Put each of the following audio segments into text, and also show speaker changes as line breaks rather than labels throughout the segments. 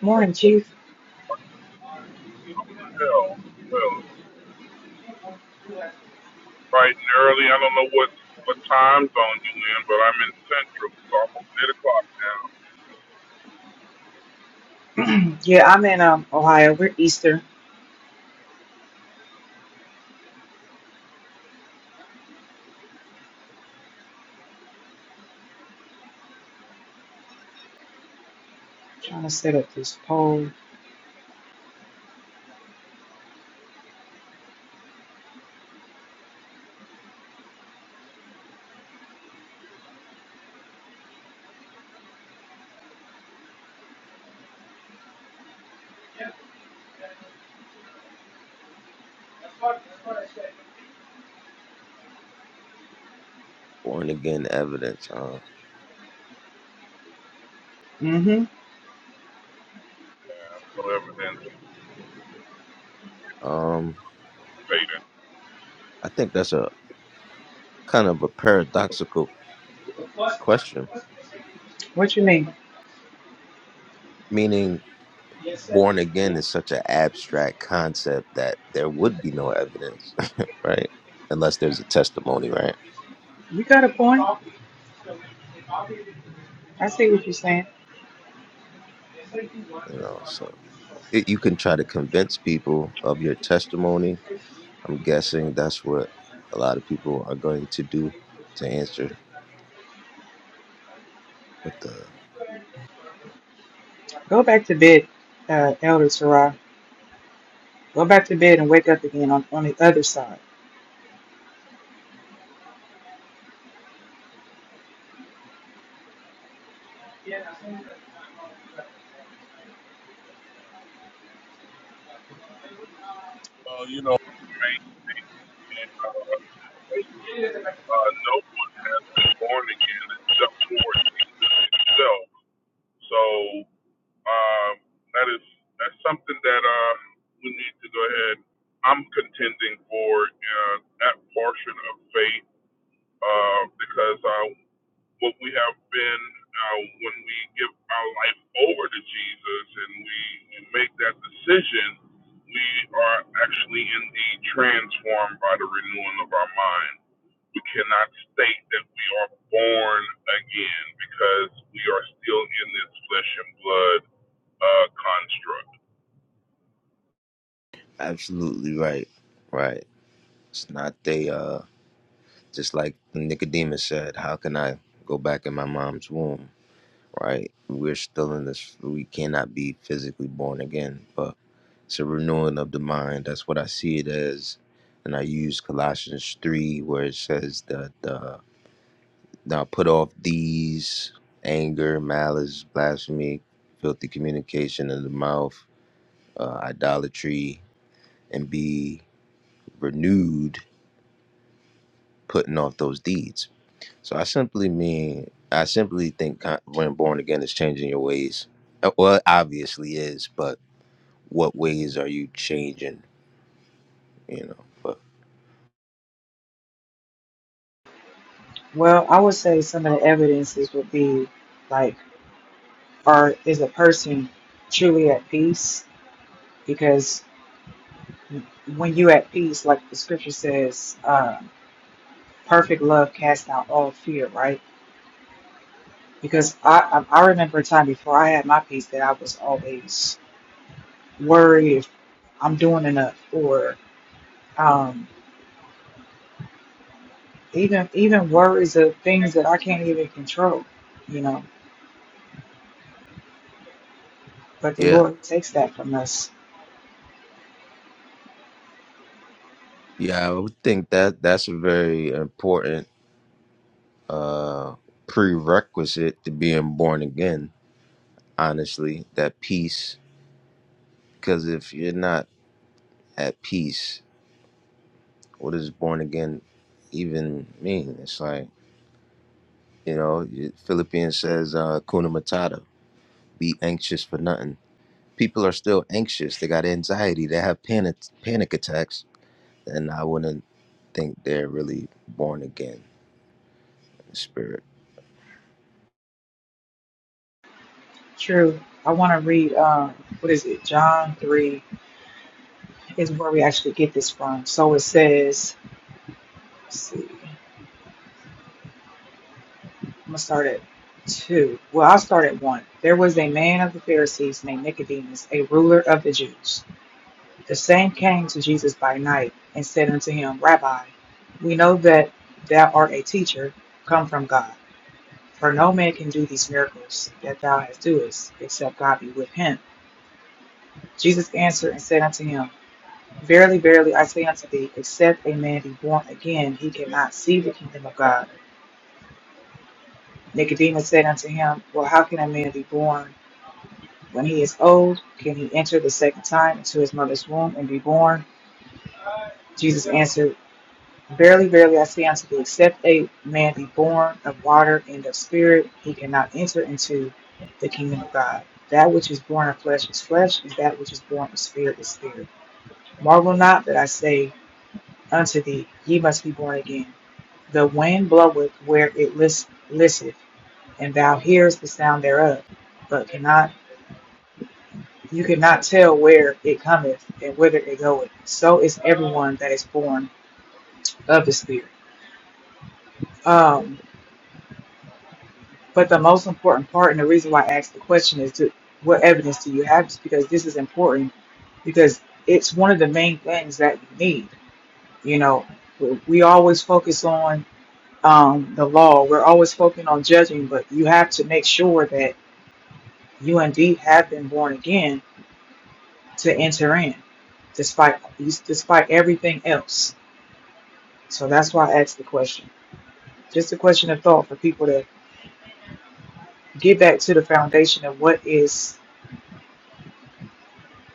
Morning, Chief.
Well, well, bright and early. I don't know what what time zone you in, but I'm in Central. It's almost eight o'clock now,
yeah, I'm in um, Ohio. We're Easter. Trying to set up this poll.
born again evidence. Huh?
Mm-hmm.
so everything's
Um,
fading.
I think that's a kind of a paradoxical question,
What you mean?
meaning born again is such an abstract concept that there would be no evidence, right? Unless there's a testimony, right?
You got a point. I see what you're saying.
You know, so it, you can try to convince people of your testimony. I'm guessing that's what a lot of people are going to do to answer. But the
Go back to bed, uh, Elder Sarah. Go back to bed and wake up again on, on the other side.
Well, you know, uh, uh, no one born again except for itself. So um, that is that's something that um, we need to go ahead. I'm contending for uh, that portion of faith uh, because. I what we have been uh, when we give our life over to Jesus and we make that decision, we are actually indeed transformed by the renewing of our mind. We cannot state that we are born again because we are still in this flesh and blood uh, construct.
absolutely right, right? It's not they. Uh, Just like Nicodemus said, how can I go back in my mom's womb? Right? We're still in this, we cannot be physically born again, but it's a renewing of the mind. That's what I see it as. And I use Colossians 3, where it says that uh, now put off these anger, malice, blasphemy, filthy communication in the mouth, uh, idolatry, and be renewed, putting off those deeds So I simply mean, I simply think con- when born again is changing your ways. Uh, Well, it obviously is, but what ways are you changing? You know, but
Well, I would say some of the evidences would be like, are is a person truly at peace? Because when you at peace, like the scripture says, uh, perfect love casts out all fear, right? because I, I I remember a time before I had my piece that I was always worried if I'm doing enough or um, even even worries of things that I can't even control, you know. But the
yeah,
Lord takes that from us.
yeah, I would think that that's a very important prerequisite to being born again. Honestly, that peace, because if you're not at peace, what does born again even mean? It's like you know, Philippians says, uh, "Kuna matata, be anxious for nothing." people are still anxious. They got anxiety. They have panic panic attacks, and I wouldn't think they're really born again in spirit.
True. I want to read um, what is it? John three is where we actually get this from. So it says, let's see, I'm gonna start at two. Well, I'll start at one. There was a man of the Pharisees named Nicodemus, a ruler of the Jews. The same came to Jesus by night and said unto him, Rabbi, we know that thou art a teacher come from God, for no man can do these miracles that thou hast doest, except God be with him. Jesus answered and said unto him, Verily, verily, I say unto thee, except a man be born again, he cannot see the kingdom of God. Nicodemus said unto him, Well, how can a man be born when he is old? Can he enter the second time into his mother's womb and be born? Jesus answered, Verily, verily, I say unto thee, except a man be born of water and of spirit, he cannot enter into the kingdom of God. That which is born of flesh is flesh, and that which is born of spirit is spirit. Marvel not that I say unto thee, ye must be born again. The wind bloweth where it list, listeth, and thou hearest the sound thereof, but cannot you cannot tell where it cometh and whither it goeth. So is everyone that is born of the spirit. Um. But the most important part, and the reason why I asked the question, is to, what evidence do you have? Is because this is important, because it's one of the main things that you need. You know, we we always focus on um, the law. We're always focusing on judging, but you have to make sure that you indeed have been born again to enter in, despite despite everything else. So that's why I asked the question. Just a question of thought for people to get back to the foundation of what is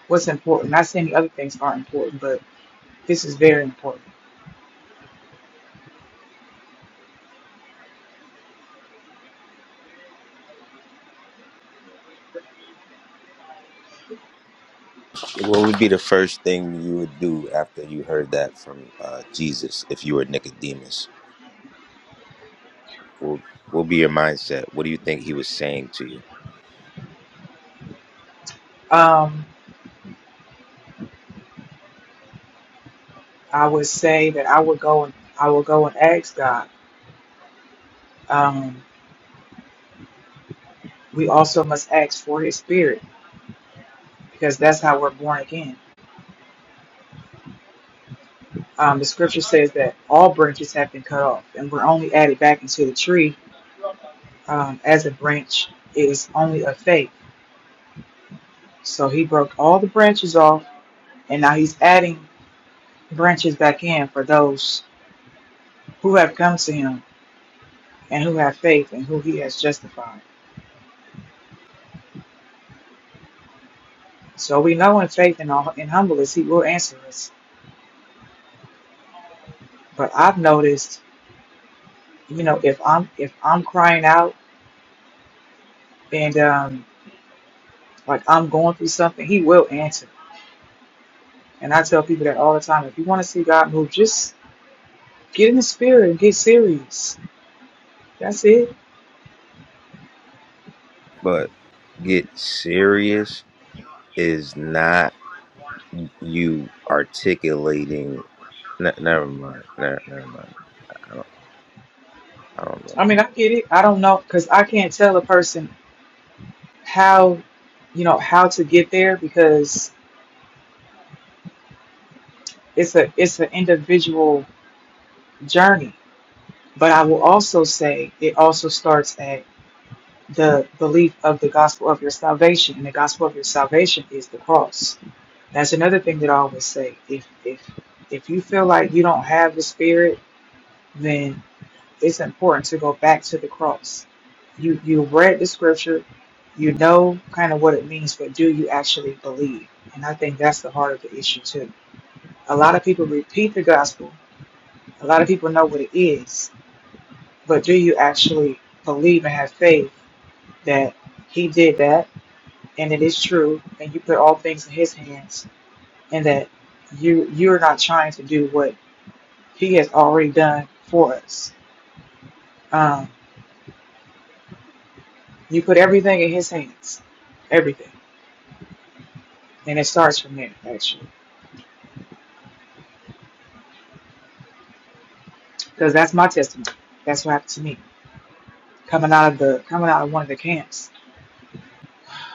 what's important. Not saying the other things aren't important, but this is very important.
What would be the first thing you would do after you heard that from uh, Jesus if you were Nicodemus? What what be your mindset? What do you think he was saying to you?
Um, I would say that I would go and I will go and ask God. Um, we also must ask for His Spirit because that's how we're born again. Um, the Scripture says that all branches have been cut off, and we're only added back into the tree um, as a branch is only of faith. So He broke all the branches off, and now He's adding branches back in for those who have come to Him and who have faith and who He has justified. So we know in faith and all- in humbleness he will answer us. But I've noticed, you know, if I'm if I'm crying out and um like I'm going through something, he will answer. And I tell people that all the time. If you want to see God move, just get in the spirit and get serious. That's it.
But get serious is not you articulating. Ne- never mind. Ne- never mind. I don't. I don't know.
I mean, I get it. I don't know because I can't tell a person how, you know, how to get there because it's a it's an individual journey. But I will also say it also starts at the belief of the gospel of your salvation, and the gospel of your salvation is the cross. That's another thing that I always say. If if if you feel like you don't have the spirit, then it's important to go back to the cross. You you read the scripture, you know kind of what it means, but do you actually believe? And I think that's the heart of the issue too. A lot of people repeat the gospel. A lot of people know what it is, but do you actually believe and have faith that he did that? and it is true, and you put all things in his hands, and that you you are not trying to do what he has already done for us. Um, you put everything in his hands, everything, and it starts from there actually, because that's my testimony. That's what happened to me coming out of the coming out of one of the camps.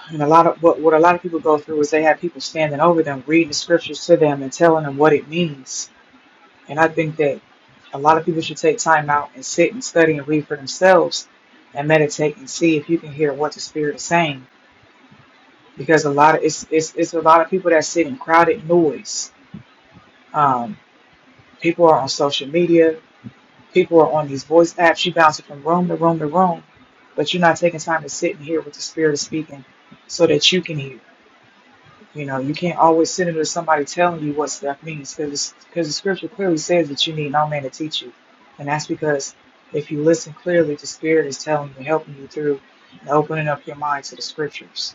And a lot of what, what a lot of people go through is they have people standing over them, reading the scriptures to them, and telling them what it means And I think that a lot of people should take time out and sit and study and read for themselves and meditate and see if you can hear what the spirit is saying. Because a lot of it's it's, it's a lot of people that sit in crowded noise. Um, people are on social media, people are on these voice apps, you bouncing from room to room to room, but you're not taking time to sit and hear what the spirit is speaking so that you can hear. You know, you can't always sit under somebody telling you what stuff means because because the scripture clearly says that you need no man to teach you, and that's because if you listen clearly, the Spirit is telling you, helping you through, and opening up your mind to the scriptures.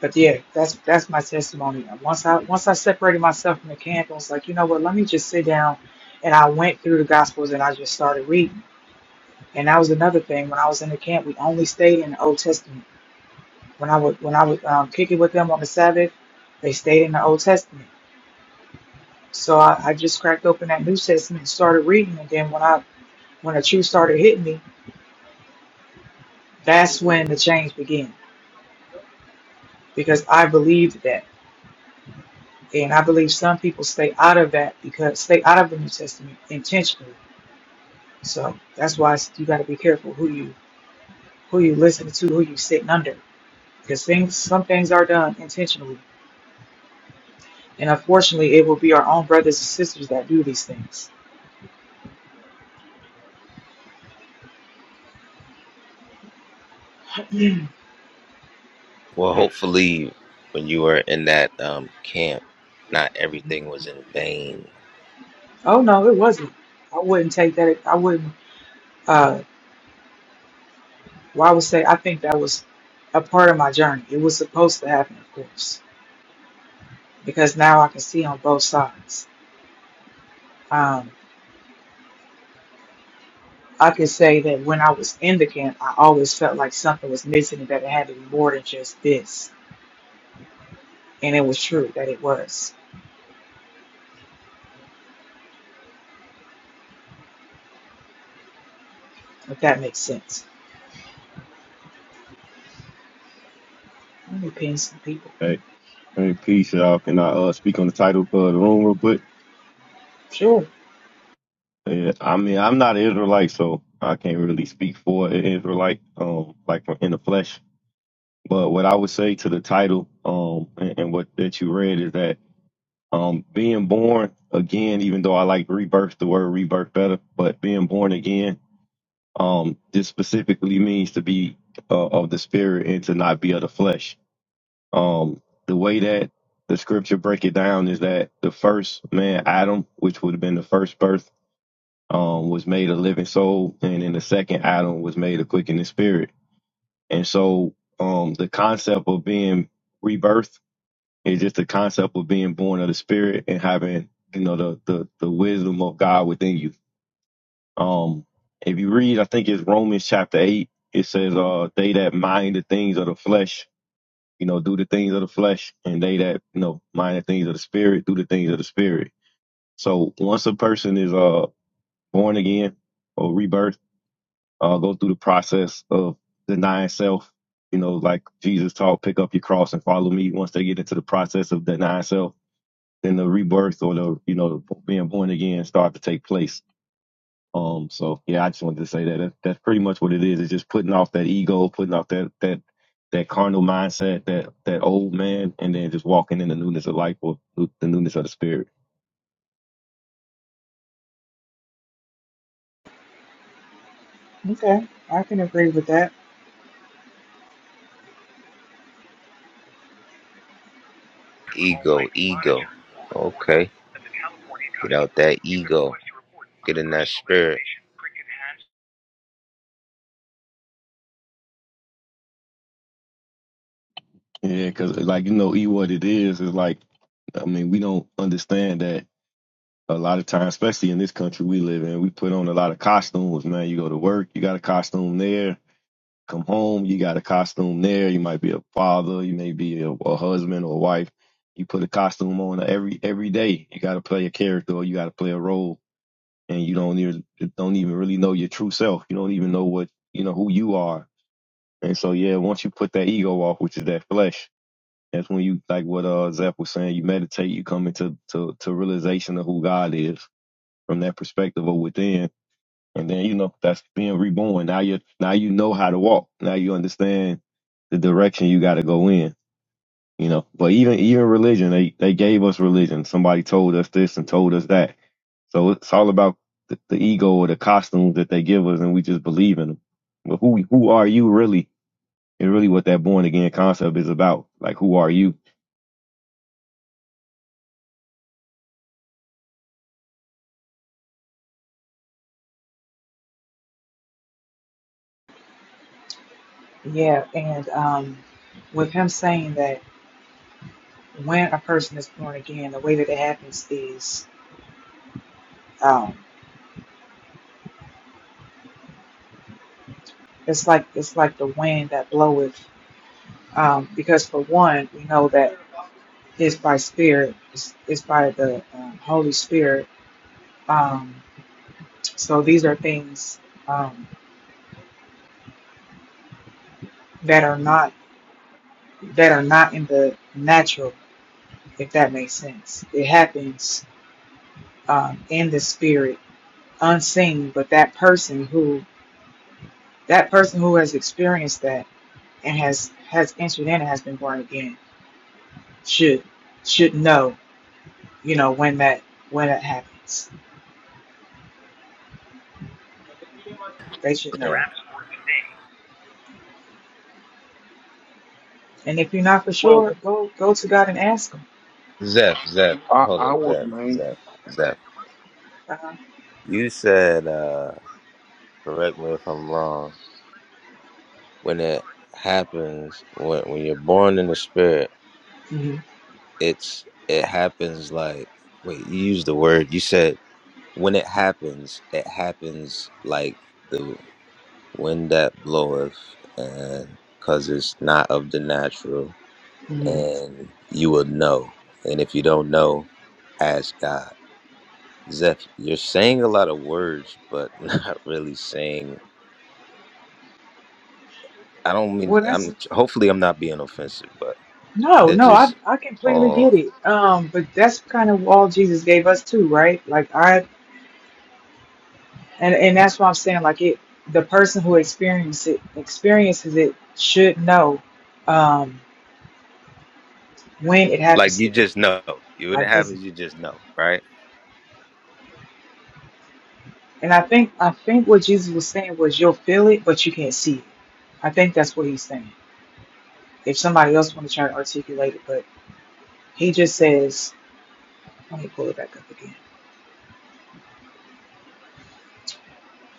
But yeah, that's that's my testimony. Once I once I separated myself from the camp, I was like, you know what? Let me just sit down, and I went through the Gospels and I just started reading. And that was another thing. When I was in the camp, we only stayed in the Old Testament. When I would when I would um, kick it with them on the Sabbath, they stayed in the Old Testament. So I, I just cracked open that New Testament and started reading. And then when I when the truth started hitting me, that's when the change began because I believed that. And I believe some people stay out of that because stay out of the New Testament intentionally. So that's why it's- you got to be careful who you who you listen to, who you sitting under, because things some things are done intentionally, and unfortunately, it will be our own brothers and sisters that do these things.
Well, hopefully, when you were in that um, camp, not
Mhm.
everything was in vain.
Oh no, it wasn't. I wouldn't take that. I wouldn't. uh, Well, I would say I think that was a part of my journey. It was supposed to happen, of course, because now I can see on both sides. Um, I could say that when I was in the camp, I always felt like something was missing and that it had to be more than just this. And it was true that it was, if that makes sense. Let me pin some people.
Hey, hey, peace, y'all. Can I uh, speak on the title of the room real quick?
Sure.
Yeah, I mean, I'm not an Israelite, so I can't really speak for an Israelite, um, like from in the flesh. But what I would say to the title, um, and, and what that you read is that, um, being born again, even though I like rebirth, the word rebirth better, but being born again, um, this specifically means to be uh, of the spirit and to not be of the flesh Um, the way that the scripture break it down is that the first man, Adam, which would have been the first birth, um, was made a living soul, and then the second Adam was made a quickening spirit. And so, um, the concept of being rebirth is just the concept of being born of the spirit and having, you know, the the, the wisdom of God within you. Um, if you read, I think it's Romans chapter eight. It says, uh, they that mind the things of the flesh you know, do the things of the flesh and they that, you know, mind the things of the spirit, do the things of the spirit. So once a person is uh born again or rebirth, uh go through the process of denying self, you know, like Jesus taught, pick up your cross and follow me. Once they get into the process of denying self, then the rebirth or the, you know, being born again start to take place um, so yeah, I just wanted to say that, that that's pretty much what it is. It's just putting off that ego, putting off that that that carnal mindset, that that old man, and then just walking in the newness of life or the newness of the spirit.
Okay. I can agree with that.
Ego, ego. Okay, get out that ego. Get in that spirit.
Yeah, because like you know, e what it is is like, I mean, we don't understand that a lot of times, especially in this country we live in, we put on a lot of costumes. Man, you go to work, you got a costume there Come home, you got a costume there. You might be a father, you may be a, a husband or a wife. You put a costume on every every day. You got to play a character or you got to play a role, and you don't even don't even really know your true self. You don't even know what you know who you are. And so yeah, once you put that ego off, which is that flesh, that's when you like what uh Zeph was saying. You meditate, you come into to to realization of who God is from that perspective or within and then you know that's being reborn. Now you now you know how to walk. Now you understand the direction you got to go in. You know, but even even religion, they they gave us religion. Somebody told us this and told us that. So it's all about the, the ego or the costumes that they give us, and we just believe in them. But who who are you really? And really, what that born again concept is about. Like, who are you?
Yeah. And um, with him saying that when a person is born again, the way that it happens is. um, It's like it's like the wind that bloweth. Um, because for one, we know that it's by spirit, it's, it's by the um, Holy Spirit. Um, so these are things um, that are not that are not in the natural, if that makes sense. It happens um, in the spirit, unseen. But that person who that person who has experienced that and has has entered in and has been born again should should know, you know, when that when it happens. They should know.
Yeah.
And if you're not for
Well,
sure, go go to God and ask Him.
Zeph, Zeph,
uh,
hold up, Zeph, Zeph, Zeph.
Uh,
You said, uh, correct me if I'm wrong. When it happens, when when you're born in the spirit,
hmm
it's it happens like. Wait, you used the word. You said when it happens, it happens like. the. when that bloweth, and because it's not of the natural,
hmm
and you will know. And if you don't know, ask God. Zeph, you're saying a lot of words, but not really saying. I don't mean.
well, that's
I'm hopefully I'm not being offensive, but
no,
they're
no. I
just
I completely get
all
it. Um, but that's kind of all Jesus gave us too, right? Like I and and that's why I'm saying like it. The person who experiences it experiences it should know um, when it
like
happens to
you
them,
just know. You when it
like this.
happens, you just know, right?
And I think I think what Jesus was saying was you'll feel it, but you can't see it. I think that's what he's saying. If somebody else want to try to articulate it, but he just says Let me pull it back up again.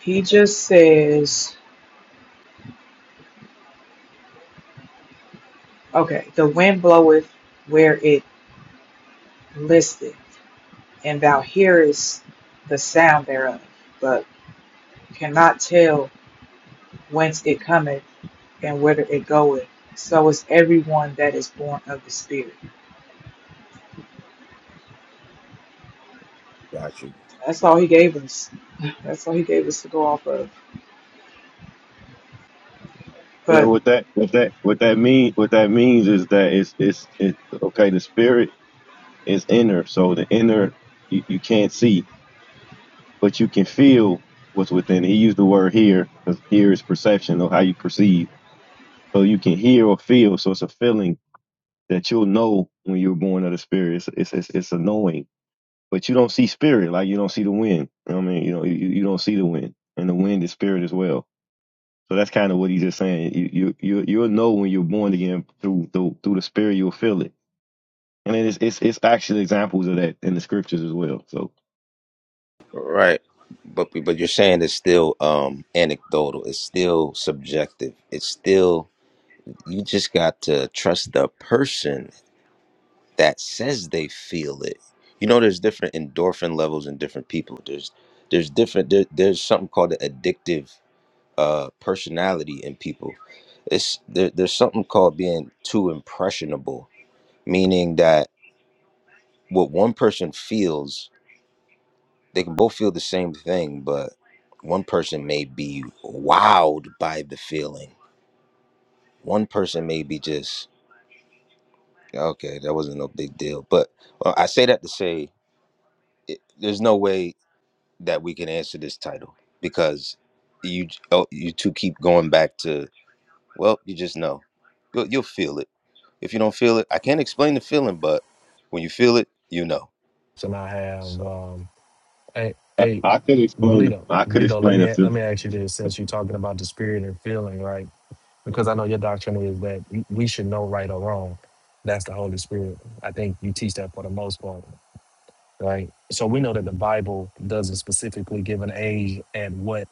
He just says, okay, the wind bloweth where it listeth, and thou hearest the sound thereof, but cannot tell whence it cometh and whither it goeth. So is everyone that is born of the Spirit.
Got you.
That's all he gave us. That's all he gave us to go off of.
And
But
what that what that what that mean what that means is that it's it's it's okay. The spirit is inner, so the inner you, you can't see but you can feel what's within it. He used the word hear because hear is perception or how you perceive. So you can hear or feel. So it's a feeling that you'll know when you were born of the spirit. It's it's it's, it's annoying, but you don't see spirit like you don't see the wind. You know what I mean, you know, you, you don't see the wind, and the wind is spirit as well. So that's kind of what he's just saying. You you you you'll know when you're born again through through, through the spirit. You'll feel it, and it is it's it's actually examples of that in the scriptures as well. So
Right. But but you're saying it's still um anecdotal. It's still subjective. It's still you just got to trust the person that says they feel it you know there's different endorphin levels in different people there's there's different there, there's something called the addictive uh personality in people it's there, there's something called being too impressionable meaning that what one person feels they can both feel the same thing but one person may be wowed by the feeling one person may be just Okay, that wasn't no big deal. But well, I say that to say it, there's no way that we can answer this title because you oh, you two keep going back to well, you just know you'll, you'll feel it. If you don't feel it, I can't explain the feeling, but when you feel it, you know.
So now I have
So
um hey
I,
hey
I could explain
Bleedo,
I could
Bleedo, let
explain
me let
the.
me ask you this since you're talking about the spirit and feeling, right? Because I know your doctrine is that we we should know right or wrong. That's the Holy Spirit. I think you teach that for the most part, right? So we know that the Bible doesn't specifically give an age at what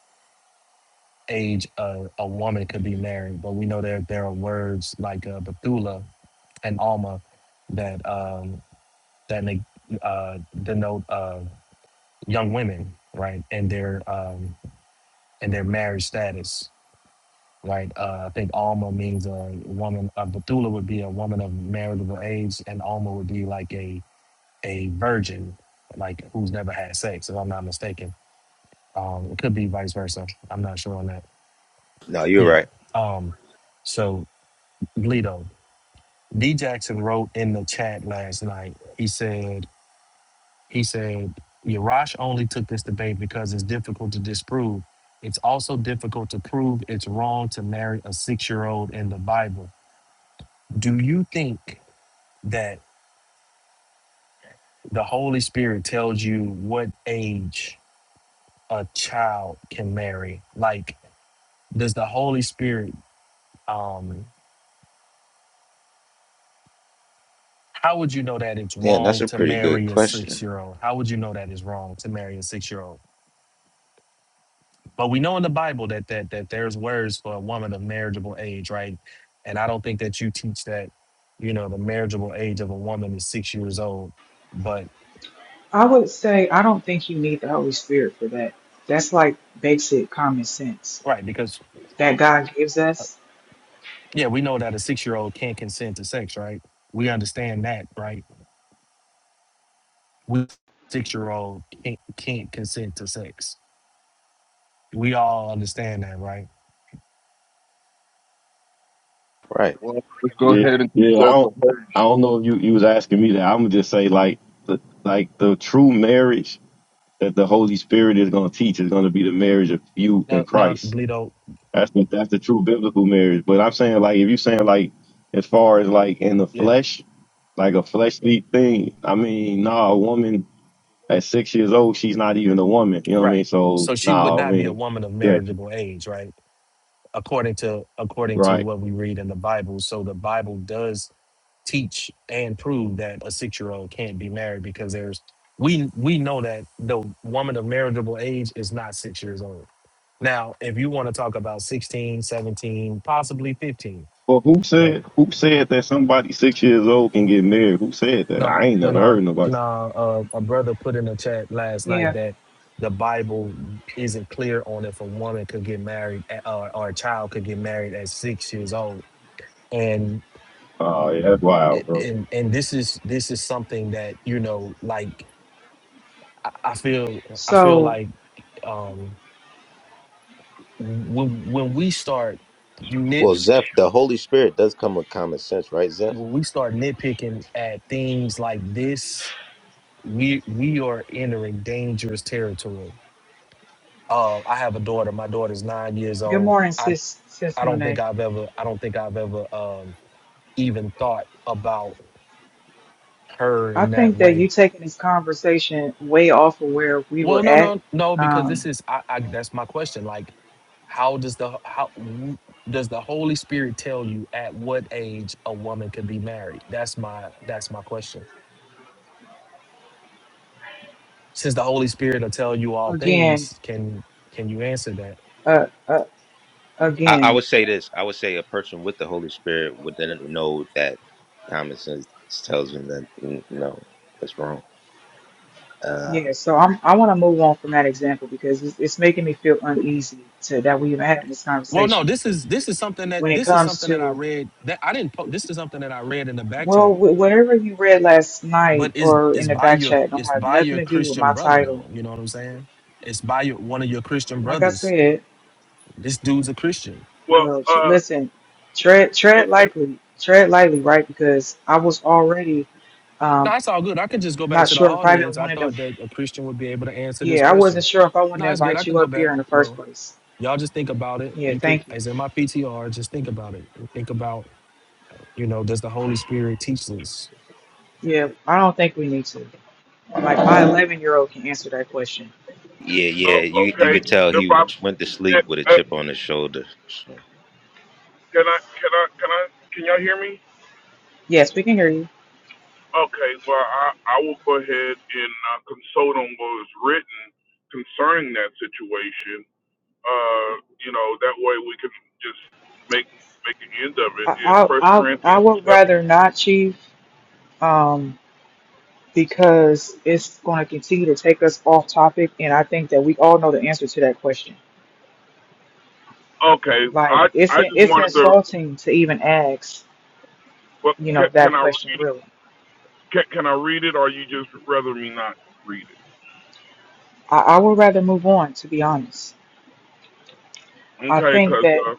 age a, a woman could be married, but we know that there are words like uh, Bethula and Alma that um, that neg- uh, denote uh, young women, right, and their um, and their marriage status, right. Uh, I think Alma means a woman. Uh, Bethula would be a woman of marriageable age, and Alma would be like a a virgin, like who's never had sex, if I'm not mistaken. Um, it could be vice versa. I'm not sure on that.
no, you're
Yeah.
right.
Um, so Leto, D Jackson wrote in the chat last night. He said. He said, Yarash only took this debate because it's difficult to disprove. It's also difficult to prove it's wrong to marry a six year old in the Bible. Do you think that the Holy Spirit tells you what age a child can marry? Like, does the Holy Spirit, um, how would you know that it's
Damn, that's
wrong
a
to
pretty good
marry a six
question.
year old? How would you know that it's wrong to marry a six year old? But we know in the Bible that that that there's words for a woman of marriageable age, right? And I don't think that you teach that, you know, the marriageable age of a woman is six years old. But
I would say I don't think you need the Holy Spirit for that. That's like basic common sense
right, because
that God gives us.
yeah, we know that a six year old can't consent to sex, right? We understand that, right? We six year old can't, can't consent to sex. We all understand that, right?
Right.
well, let's go
Yeah,
ahead and
yeah. I
consult the
don't,
holy.
I
Spirit.
don't know if you, you was asking me that. I'm gonna just say like, the, like the true marriage that the Holy Spirit is gonna teach is gonna be the marriage of you
No,
and
no,
Christ.
Bleedo,
That's the, that's the true biblical marriage. But I'm saying like, if you're saying like, as far as like in the
yeah,
flesh, like a fleshly thing, I mean, nah, a woman at six years old, she's not even a woman. You know what I mean?
right.
So,
So she would
nah, I
not be a
mean,
woman of
yeah,
marriageable age, right? according to according to
right.
what we read in the Bible. So the Bible does teach and prove that a six year old can't be married because there's we we know that the woman of marriageable age is not six years old. Now, if you want to talk about 16, 17, possibly 15,
Well, who
right?
said who said that somebody six years old can get married? Who said that?
No,
I ain't
no,
never
no,
heard nobody.
no. Uh, a brother put in the chat last night
Yeah.
that the Bible isn't clear on if a woman could get married at, or, or a child could get married at six years old
Oh, yeah, that's
a-
wild, bro.
and and this is this is something that you know like i I feel i feel
So.
like um when when we start nit
Well, Zeph, the Holy Spirit does come with common sense, right, Zeph?
when we start nitpicking at things like this we we are entering dangerous territory uh i have a daughter my daughter's nine years
Good
old
morning,
i
sis, sis
i don't think
Monet.
i've ever i don't think i've ever um even thought about her
I
in that
think that you
way
taking this conversation way off of where we
Well,
were
no,
at.
no, no, because this
Um,
is I, I that's my question. Like, how does the how w- does the Holy Spirit tell you at what age a woman can be married? That's my that's my question. Since the Holy Spirit will tell you all
again,
things, can can you answer that?
uh, uh,
I, I
again,
would say this. I would say a person with the Holy Spirit would then know that common sense tells him that n- no, that's wrong. Uh,
yeah. So I'm, I want to move on from that example because it's, it's making me feel uneasy to that we even having this
Well, no,
conversation
this is this is something that
when it
this is
comes
something that I
to
read that I didn't po- this is something that I read in the back
well,
chat.
wh- whatever you read last night
But is
or in
it's
the
by
back
your
chat don't
it's
have
by
nothing
your
to do with
Christian
my
brother
title.
though. You know what I'm saying? It's by your one of your Christian
Like I
brothers.
said,
This dude's a Christian.
Well,
well, tr-
uh,
listen, tread
it,
tread
it,
lightly, tread lightly, right? Because I was already Um,
No, it's all good. I could just go back
not
to the
sure if I even
audience. I
wanted to.
thought that a Christian would be able to answer this
Yeah, I wasn't
question.
sure if I wanted
No,
to
it's good. I
invite
can
you
go
up here
back.
in the first
Well,
place.
y'all just think about it.
Yeah,
You could,
thank you.
as in my PTR, just think about it. Think about, you know, does the Holy Spirit teach this?
Yeah, I don't think we need to. Like my 11 year old can answer that question.
yeah,
uh
yeah. You you
okay.
could tell
If
he
I,
went to sleep
it,
with a
uh,
chip on his shoulder. So,
Can I can I can I can y'all hear me?
Yes, we can hear you.
Okay, well I I will go ahead and uh, consult on what is written concerning that situation. Uh, you know that way we can just make make an end of it
I
in
I
First
I, I
Corinthians the
would
seventh.
rather not, Chief, um, because it's going to continue to take us off topic, and I think that we all know the answer to that question.
Okay,
Like
I
it's
I just
it's
wanted to.
insulting to even ask,
Well,
you
can,
know,
can
that
I
question.
read it?
Really,
Can, can I read it, or you just rather me not read it?
I, I would rather move on. To be honest, I
Okay,
think
'cause
that
uh,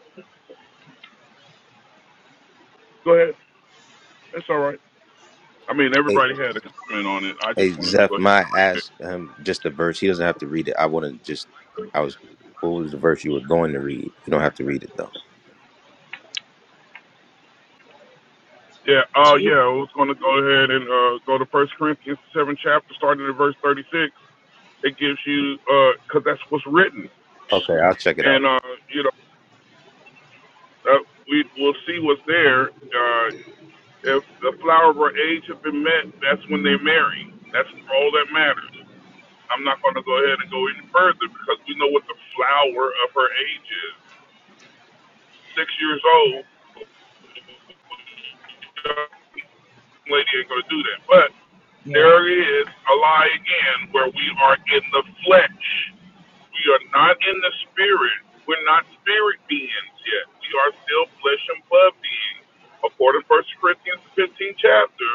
go ahead. That's all right. I mean,
hey,
everybody had a comment on it. I
hey,
just wanted to go.
Zeph, my ask him just the verse. He doesn't have to read it. I want to just. I was. What was the verse you were going to read? You don't have to read it though.
Yeah, oh
Chief.
yeah, I was gonna go ahead and uh, go to First Corinthians seven chapter, starting at verse thirty six. It gives you because that's what's written,
Okay, I'll check it out.
and uh, you know uh, we will see what's there. Uh, if the flower of her age have been met, that's when they marry. That's all that matters. I'm not gonna go ahead and go any further because we know what the flower of her age is. Six years old, young lady ain't gonna do that. But
Yeah,
there is a lie again where we are in the flesh We are not in the spirit. We're not spirit beings yet. We are still flesh and blood beings. According to First Corinthians, the 15th chapter,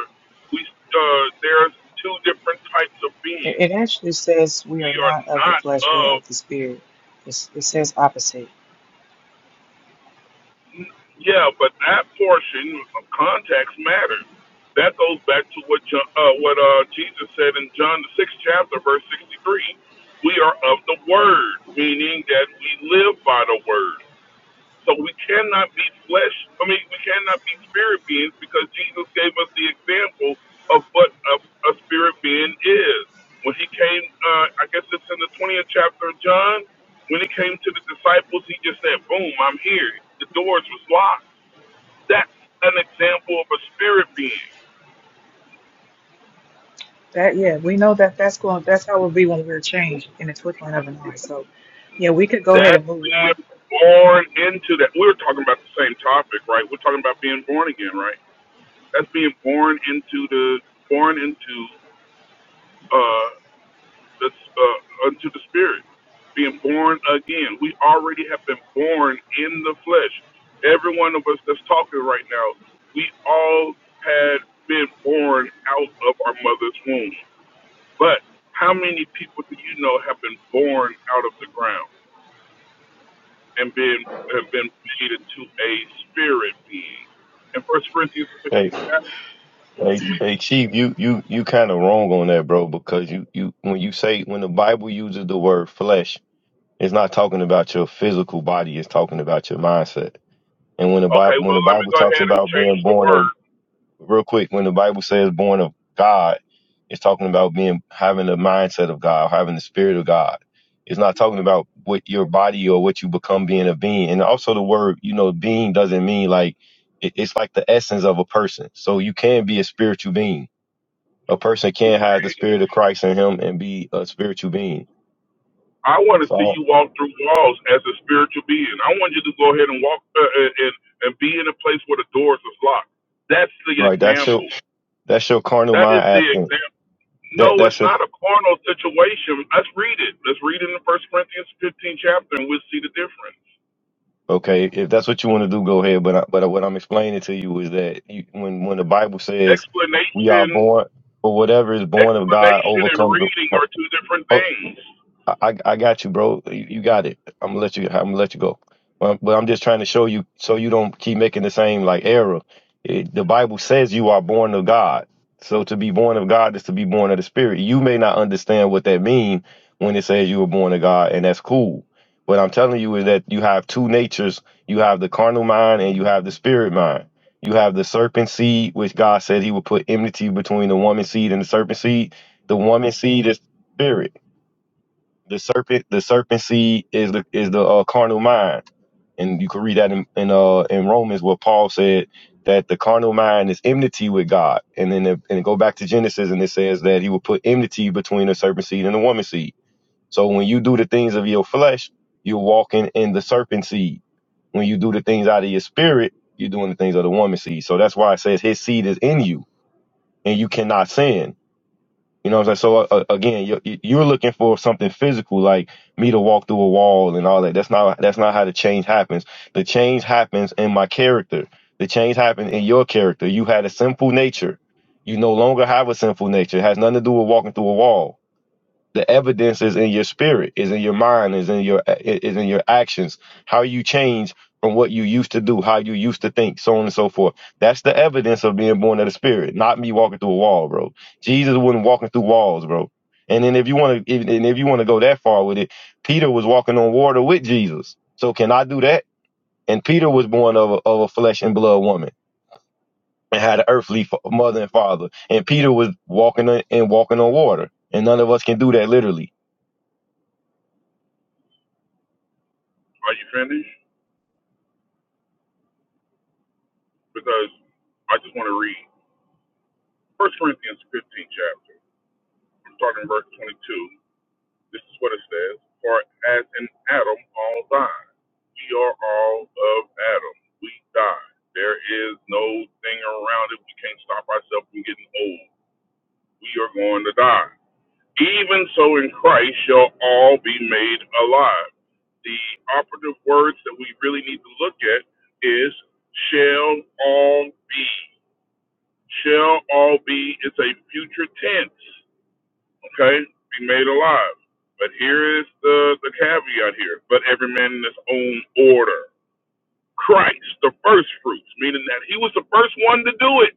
we uh, there's two different types of
it,
beings.
it actually says we
We
are
are
not of the
not
flesh, we're
of,
of the spirit. It's, it says opposite.
yeah, but that portion of context matters. That goes back to what John, uh, what uh, Jesus said in John the sixth chapter, verse sixty-three. We are of the Word, meaning that we live by the Word. So we cannot be flesh. I mean, we cannot be spirit beings because Jesus gave us the example of what a, a spirit being is. When he came, uh, I guess it's in the 20th chapter of John. When he came to the disciples, he just said, "Boom, I'm here." The doors was locked. That's an example of a spirit being.
That yeah, we know that that's going. That's how it'll be when we're changed in the twinkling of an eye. So, yeah, we could go ahead
That's
and move on.
being born into that. We're talking about the same topic, right? We're talking about being born again, right? That's being born into the born into. uh, the, uh, unto the spirit, being born again. We already have been born in the flesh. Every one of us that's talking right now, we all had been born out of our mother's womb. But how many people do you know have been born out of the ground and been have been made into a spirit being? In First Corinthians 15,
Hey,
chapter,
hey, hey,
we-
Chief, you you you kind of wrong on that, bro. Because you you when you say when the Bible uses the word flesh, it's not talking about your physical body. It's talking about your mindset. And when the Bible
okay,
when the
well let me
Bible
go
talks
ahead and
about being
change the
born of
word.
real quick, when the Bible says born of God, it's talking about being having the mindset of God, having the spirit of God. It's not talking about what your body or what you become being a being. And also the word, you know, being doesn't mean like it, it's like the essence of a person. So you can be a spiritual being. A person
You
can have the
can't
spirit of Christ in him and be a spiritual being.
I want to see
So
you walk through walls as a spiritual being. I want you to go ahead and walk uh, and and and be in a place where the doors is locked. That's the
right, that's your
example.
that's your carnal
That is
mind
the
asking.
example.
That
No, it's
that's your
not a carnal situation. Let's read it. Let's read it in First Corinthians 15 chapter, and we'll see the difference.
Okay, if that's what you want to do, go ahead. But I, but what I'm explaining to you is that you, when when the Bible says we are
Explanation,
born, for whatever is born of God
explanation, and
overcomes the.
reading are two different
oh,
things.
I, I I got you, bro. You, you got it. I'm gonna let you. I'm gonna let you go. Um, but I'm just trying to show you so you don't keep making the same like error. It, the Bible says you are born of God. So to be born of God is to be born of the Spirit. You may not understand what that means when it says you were born of God, and that's cool. What I'm telling you is that you have two natures. You have the carnal mind and you have the spirit mind. You have the serpent seed, which God said He would put enmity between the woman seed and the serpent seed. The woman seed is spirit the serpent, the serpent seed is the is the uh, carnal mind, and you can read that in, in uh in Romans where Paul said that the carnal mind is enmity with God, and then the, and go back to Genesis and it says that He will put enmity between the serpent seed and the woman seed. So when you do the things of your flesh, you're walking in the serpent seed. When you do the things out of your spirit, you're doing the things of the woman seed. So that's why it says His seed is in you, and you cannot sin you know what I'm saying? So uh, uh, again, you're, you're looking for something physical, like me to walk through a wall and all that. That's not that's not how the change happens. The change happens in my character. The change happened in your character. You had a sinful nature. You no longer have a sinful nature. It has nothing to do with walking through a wall the evidence is in your spirit is in your mind is in your is in your actions how you change from what you used to do how you used to think so on and so forth that's the evidence of being born of the spirit not me walking through a wall bro jesus wasn't walking through walls bro and then if you want to and if you want to go that far with it peter was walking on water with jesus so can i do that and peter was born of a, of a flesh and blood woman and had an earthly fa- mother and father and peter was walking on, and walking on water and none of us can do that literally
Are you finished? Because I just want to read First Corinthians 15 chapter. I'm starting in verse 22. This is what it says. For as in Adam all die, we are all of Adam. We die. There is no thing around it. We can't stop ourselves from getting old. We are going to die. Even so in Christ shall all be made alive. The operative words that we really need to look at is shall all be. Shall all be. It's a future tense okay, be made alive. But here is the, the caveat here. But every man in his own order. Christ, the first fruits, meaning that he was the first one to do it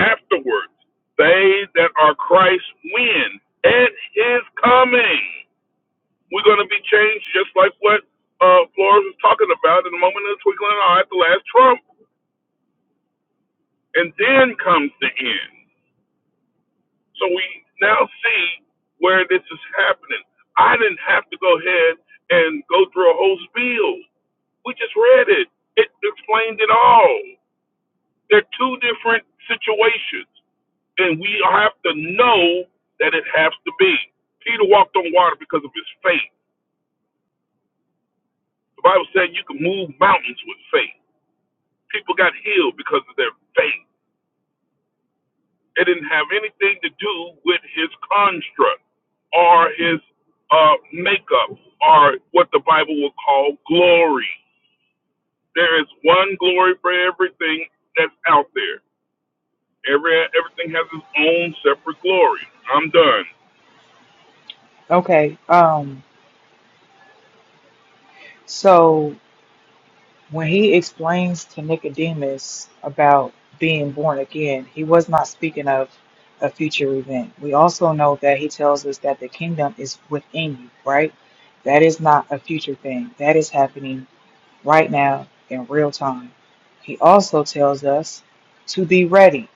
afterwards. They that are Christ win at his coming. We're going to be changed just like what uh, Flores was talking about in the moment of the twinkling of an eye at the last trump. And then comes the end. So we now see where this is happening. I didn't have to go ahead and go through a whole spiel. We just read it. It explained it all. They're two different situations, and we have to know that it has to be. Peter walked on water because of his faith. The Bible said you can move mountains with faith. People got healed because of their faith. It didn't have anything to do with his construct or his uh, makeup or what the Bible will call glory. There is one glory for everything that's out there. Every everything has its own separate glory. I'm done.
Okay. Um. So when he explains to Nicodemus about being born again, he was not speaking of a future event. We also know that he tells us that the kingdom is within you, right? That is not a future thing. That is happening right now in real time. He also tells us to be ready.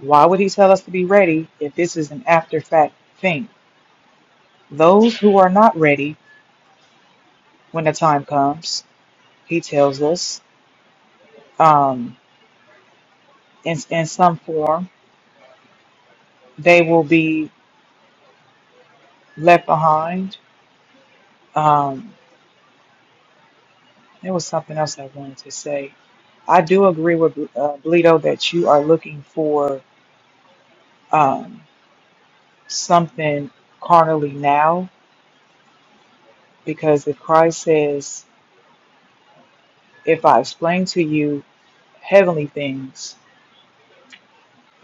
Why would he tell us to be ready if this is an after fact thing? Those who are not ready when the time comes, he tells us, um, in, in some form, they will be left behind. Um, there was something else I wanted to say. I do agree with uh, Bleedo that you are looking for um, something carnally now Because if Christ says, If I explain to you heavenly things,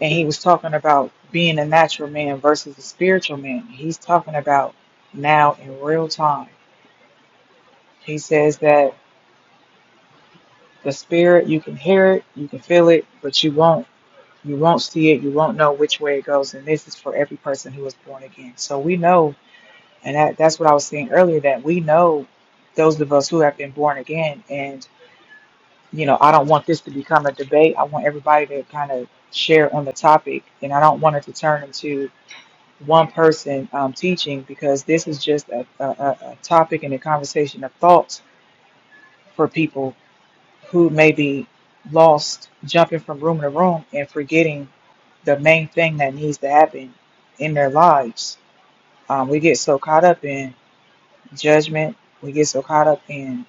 and he was talking about being a natural man versus a spiritual man, he's talking about now in real time. He says that the spirit, you can hear it, you can feel it, but you won't. You won't see it, you won't know which way it goes, and this is for every person who is born again. So we know, and that, that's what I was saying earlier, that we know those of us who have been born again, and. you know, I don't want this to become a debate. I want everybody to kind of share on the topic, and I don't want it to turn into one person um, teaching because this is just a, a, a a topic and a conversation of thoughts for people who may be lost, jumping from room to room and forgetting the main thing that needs to happen in their lives. Um, we get so caught up in judgment, we get so caught up in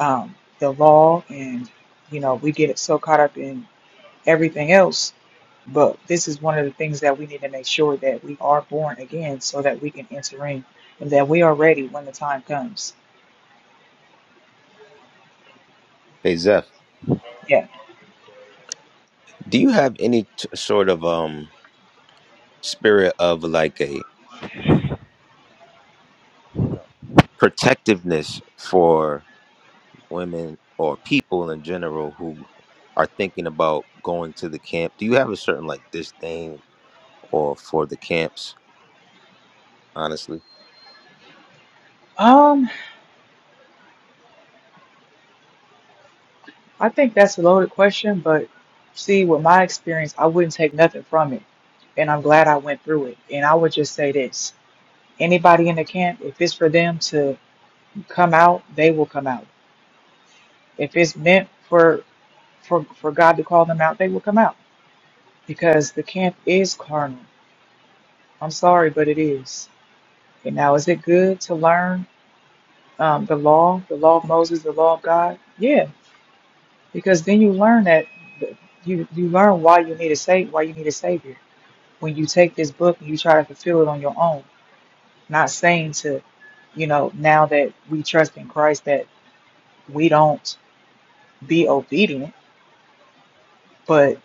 um, the law, and you know, we get so caught up in everything else But this is one of the things that we need to make sure that we are born again so that we can enter in and that we are ready when the time comes.
Hey, Zeph,
Yeah.
do you have any t- sort of um spirit of like a protectiveness for? women or people in general who are thinking about going to the camp? Do you have a certain like disdain or for the camps? Honestly,
Um, I think that's a loaded question, but see, with my experience, I wouldn't take nothing from it. And I'm glad I went through it. And I would just say this anybody in the camp, if it's for them to come out, they will come out. If it's meant for for for God to call them out, they will come out. Because the camp is carnal. I'm sorry, but it is And now, is it good to learn um, the law, the law of Moses, the law of God? Yeah, because then you learn that you you learn why you need a save, why you need a savior. When you take this book and you try to fulfill it on your own, not saying to, you know, now that we trust in Christ that we don't be obedient, but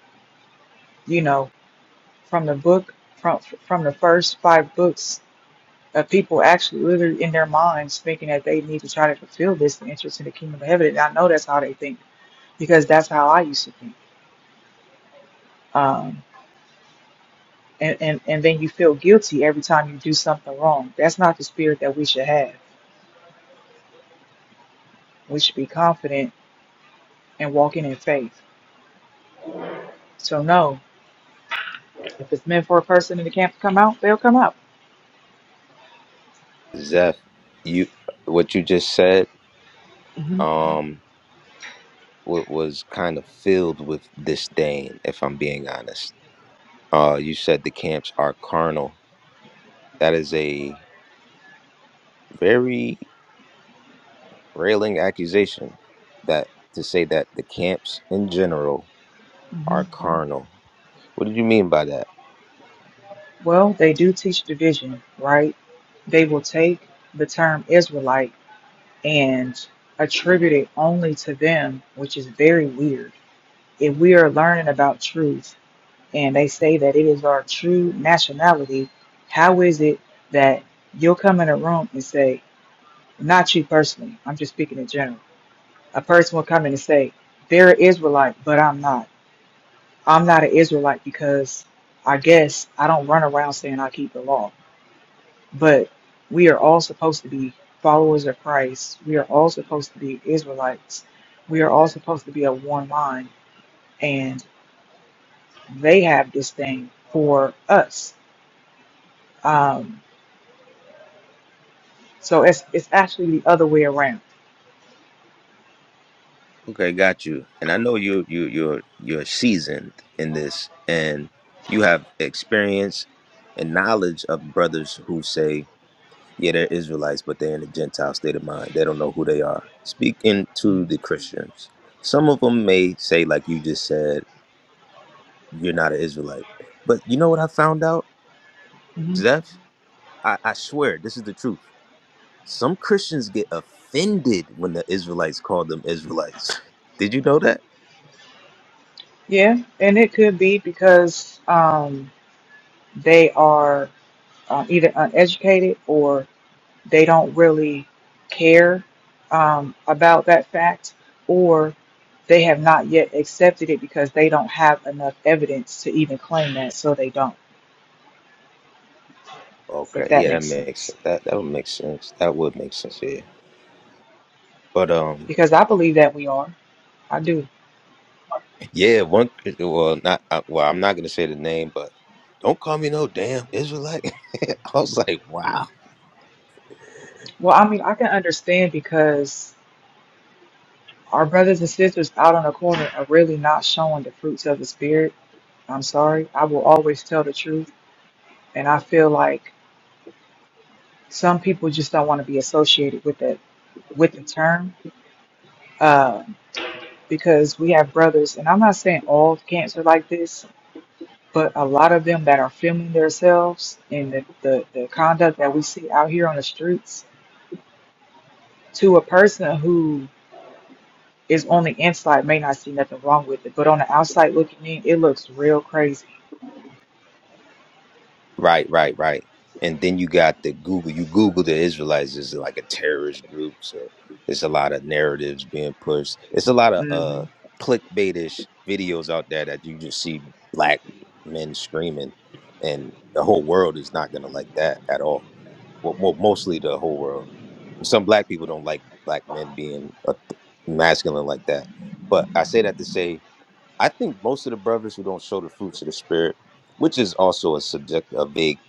you know, from the book from from the first five books. Uh, people actually literally in their minds thinking that they need to try to fulfill this to interest in the kingdom of heaven. And I know that's how they think because that's how I used to think. Um, and, and, and then you feel guilty every time you do something wrong. That's not the spirit that we should have. We should be confident and walking in faith. So, no, if it's meant for a person in the camp to come out, they'll come out.
Zeph, you what you just said
hmm
um wa- was kind of filled with disdain. If I'm being honest, uh, you said the camps are carnal. That is a very railing accusation. That to say that the camps in general
hmm
are carnal. What did you mean by that?
Well, they do teach division, right? They will take the term Israelite and attribute it only to them, which is very weird. If we are learning about truth, and they say that it is our true nationality, how is it that you'll come in a room and say, not you personally, I'm just speaking in general. A person will come in and say, they're an Israelite, but I'm not. I'm not an Israelite because I guess I don't run around saying I keep the law. But we are all supposed to be followers of Christ. We are all supposed to be Israelites. We are all supposed to be of one mind. And they have this thing for us. Um, So it's it's actually the other way around.
Okay, got you. And I know you you you're you're seasoned in this and you have experience and knowledge of brothers who say, Yeah, they're Israelites, but they're in a Gentile state of mind. They don't know who they are. Speaking to the Christians, some of them may say, like you just said, you're not an Israelite. But you know what I found out,
Mm-hmm.
Zeph? I, I swear this is the truth. Some Christians get offended when the Israelites call them Israelites. Did you know that?
Yeah, and it could be because um, they are uh, either uneducated or they don't really care um, about that fact, or they have not yet accepted it because they don't have enough evidence to even claim that, so they don't.
Okay,
If that
yeah, that
makes
makes
sense,
sense. That that would make sense. That would make sense. Yeah, but um,
because I believe that we are. I do.
yeah, one. Well, not uh, well. I'm not gonna say the name, but don't call me no damn Israelite. I was like, wow.
Well, I mean, I can understand because Our brothers and sisters out on the corner are really not showing the fruits of the spirit. I'm sorry. I will always tell the truth, and I feel like some people just don't want to be associated with the with the term uh, because we have brothers, and I'm not saying all cancer like this, but a lot of them that are filming themselves and the, the, the conduct that we see out here on the streets to a person who is on the inside may not see nothing wrong with it, but on the outside looking in, it looks real crazy.
Right, right, right. And then you got the Google. You Google the Israelites is like a terrorist group, so it's a lot of narratives being pushed. It's a lot of uh
hmm
clickbaitish videos out there that you just see black men screaming, and the whole world is not gonna like that at all. Well, well mostly the whole world. Some black people don't like black men being uh, masculine like that. But I say that to say I think most of the brothers who don't show the fruits of the spirit, which is also a subject a vague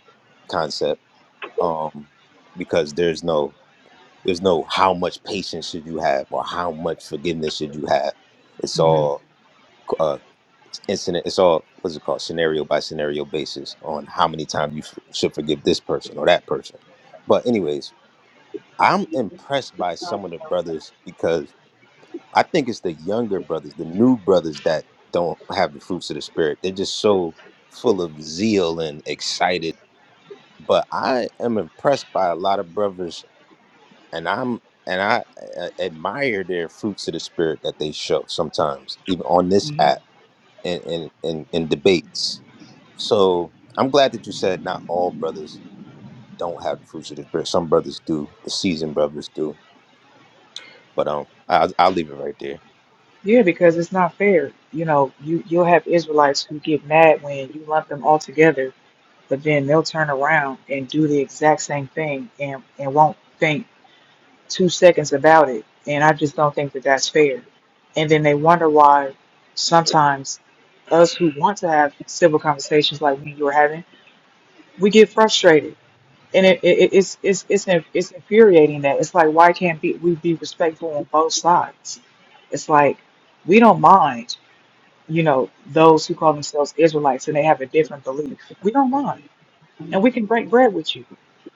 concept, um, because there's no there's no how much patience should you have or how much forgiveness should you have. It's all uh, incident. It's all what's it called scenario by scenario basis on how many times you f- should forgive this person or that person. But anyways, I'm impressed by some of the brothers because I think it's the younger brothers, the new brothers that don't have the fruits of the spirit. They're just so full of zeal and excited. But I am impressed by a lot of brothers, and I'm and I uh, admire their fruits of the spirit that they show sometimes, even on this
hmm
app and in in, in debates. So I'm glad that you said not all brothers don't have the fruits of the spirit. Some brothers do. The seasoned brothers do. But um, i I'll leave it right there.
Yeah, because it's not fair. You know, you you'll have Israelites who get mad when you lump them all together, but then they'll turn around and do the exact same thing and and won't think two seconds about it. And I just don't think that that's fair. And then they wonder why sometimes us who want to have civil conversations like me and you are having, we get frustrated and it, it it's it's it's inf- it's infuriating that it's like why can't be, we be respectful on both sides? It's like we don't mind, you know, those who call themselves Israelites and they have a different belief. We don't mind, and we can break bread with you,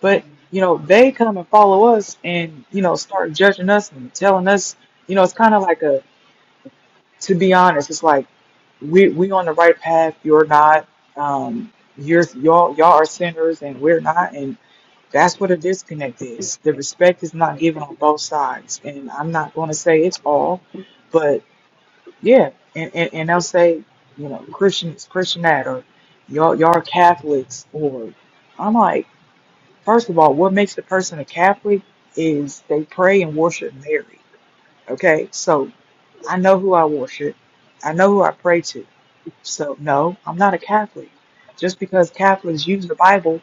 but you know they come and follow us and you know start judging us and telling us, you know, it's kind of like a to be honest, it's like we we on the right path, you're not. Um, you're y'all y'all are sinners and we're not, that's what a disconnect is. The respect is not given on both sides. And I'm not going to say it's all, but yeah. And, and, and they'll say, you know, Christian is Christian that, or y'all, y'all are Catholics, or I'm like, first of all, what makes the person a Catholic is they pray and worship Mary. Okay. So I know who I worship, I know who I pray to. So no, I'm not a Catholic. Just because Catholics use the Bible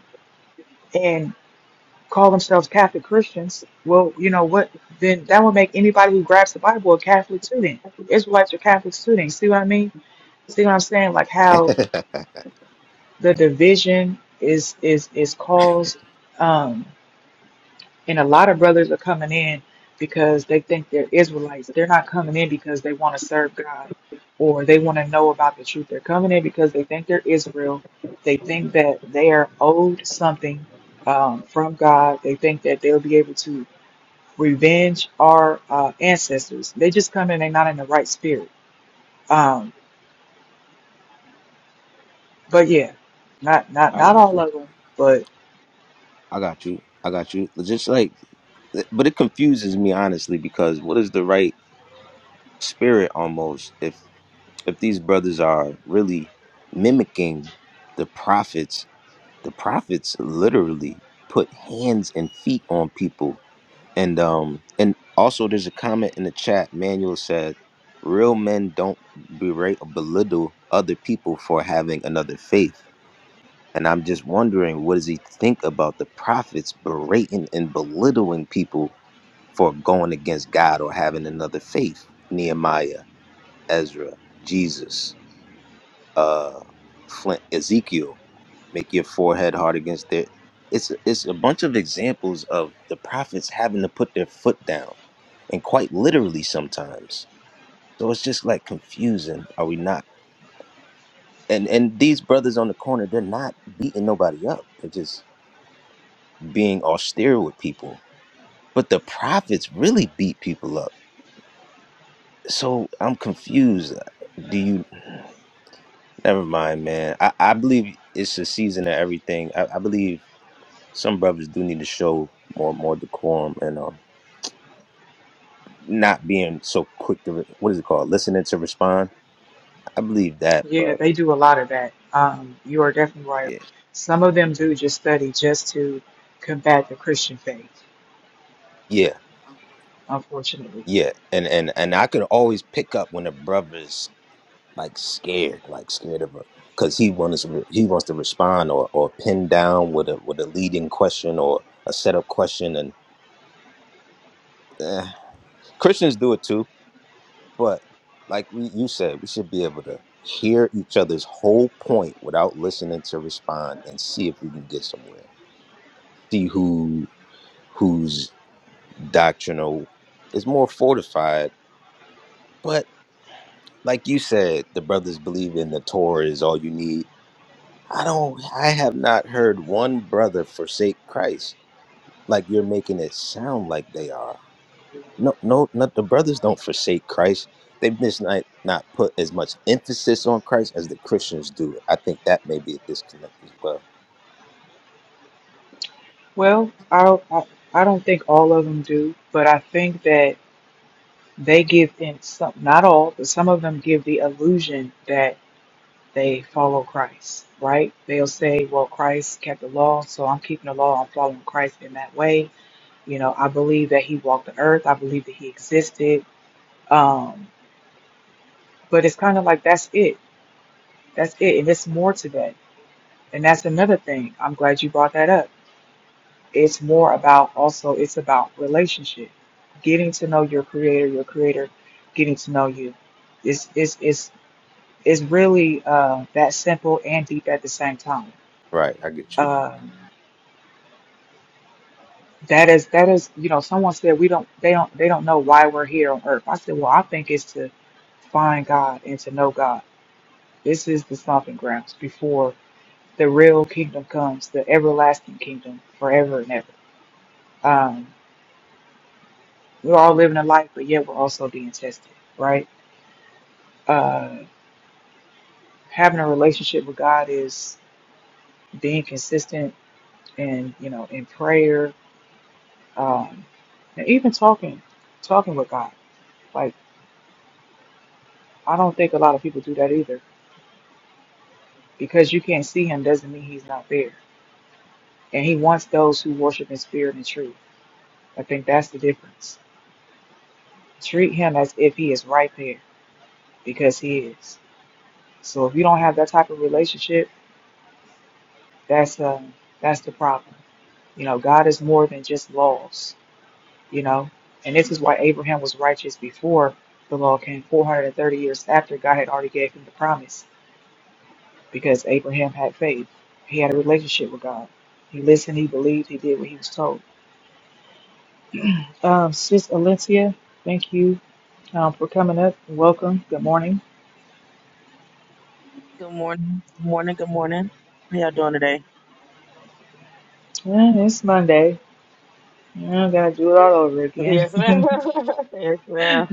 call themselves Catholic Christians, well, you know what? Then that would make anybody who grabs the Bible a Catholic student. Israelites are Catholic students. See what I mean? See what I'm saying? Like how the division is is is caused, um, and a lot of brothers are coming in because they think they're Israelites. They're not coming in because they want to serve God or they want to know about the truth. They're coming in because they think they're Israel. They think that they are owed something um, from God. They think that they'll be able to revenge our uh, ancestors. They just come in, they're not in the right spirit. Um, but yeah, not not
I
not
got you.
all of them, but
I got you. I got you. Just like, but it confuses me honestly because what is the right spirit almost if if these brothers are really mimicking the prophets? The prophets literally put hands and feet on people, and um and also there's a comment in the chat. Manuel said, "Real men don't berate or belittle other people for having another faith." And I'm just wondering, what does he think about the prophets berating and belittling people for going against God or having another faith? Nehemiah, Ezra, Jesus, uh, Flint, Ezekiel, make your forehead hard against it. It's it's a bunch of examples of the prophets having to put their foot down, and quite literally sometimes. So it's just like confusing. Are we not? And and these brothers on the corner, they're not beating nobody up. They're just being austere with people, but the prophets really beat people up. So I'm confused. Do you? Never mind, man. I, I believe it's a season of everything. I, I believe some brothers do need to show more more decorum and um not being so quick to re- what is it called listening to respond. I believe that,
yeah,
but
they do a lot of that. Um, you are definitely right.
yeah,
Some of them do just study just to combat the Christian faith,
yeah,
unfortunately.
yeah. And and and I could always pick up when a brother's like scared, like scared of a, because he wants to he wants to respond or or pin down with a with a leading question or a setup question, and eh. Christians do it too. But like we, you said, we should be able to hear each other's whole point without listening to respond and see if we can get somewhere. See who whose doctrinal is more fortified, but. Like you said, the brothers believe in the Torah is all you need I don't I have not heard one brother forsake Christ like you're making it sound like they are. No no not the brothers don't forsake Christ. They've just not not put as much emphasis on Christ as the Christians do. I think that may be a disconnect as well.
Well, I don't- I, I don't think all of them do, but I think that they give in some, not all, but some of them give the illusion that. they follow Christ, right? They'll say, well, Christ kept the law, so I'm keeping the law, I'm following Christ in that way. You know, I believe that he walked the earth, I believe that he existed. Um, but it's kind of like that's it. That's it. And it's more to that. And that's another thing. I'm glad you brought that up. It's more about also, it's about relationship, getting to know your creator, your creator getting to know you. It's, it's, it's, it's really uh, that simple and deep at the same time
Right, I get you.
Um, That is that is, you know, someone said we don't they don't they don't know why we're here on earth. I said, well, I think it's to find God and to know God. This is the stomping grounds before the real kingdom comes, the everlasting kingdom forever and ever. Um, we're all living a life, but yet we're also being tested, right? Uh, having a relationship with God is being consistent and, you know, in prayer, um, and even talking, talking with God. Like, I don't think a lot of people do that either Because you can't see him doesn't mean he's not there. And he wants those who worship in spirit and truth. I think that's the difference. Treat him as if he is right there because he is. So if you don't have that type of relationship, that's um that's the problem. You know, God is more than just laws, you know. And this is why Abraham was righteous before the law came 430 years after God had already gave him the promise because Abraham had faith. He had a relationship with God. He listened, he believed, he did what he was told. Uh, Sis Alicia, thank you um, for coming up. Welcome. Good morning.
Good morning. Good morning. Good morning. How y'all doing today?
Yeah, it's Monday. Yeah, I gotta do it all over again.
Yes, ma'am. yes, ma'am.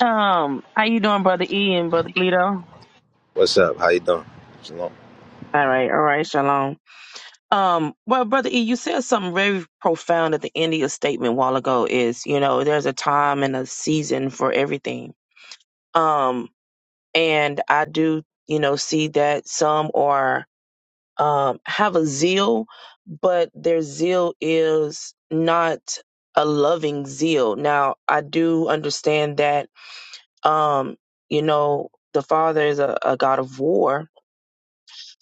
Um, how you doing, brother E and brother Bleedo?
What's up? How you doing? Shalom.
All right, all right, shalom. Um, well, brother E, you said something very profound at the end of your statement a while ago. Is you know, there's a time and a season for everything. Um, and I do, you know, see that some are. um, have a zeal, but their zeal is not a loving zeal. Now, I do understand that, um, you know, the Father is a, a God of war.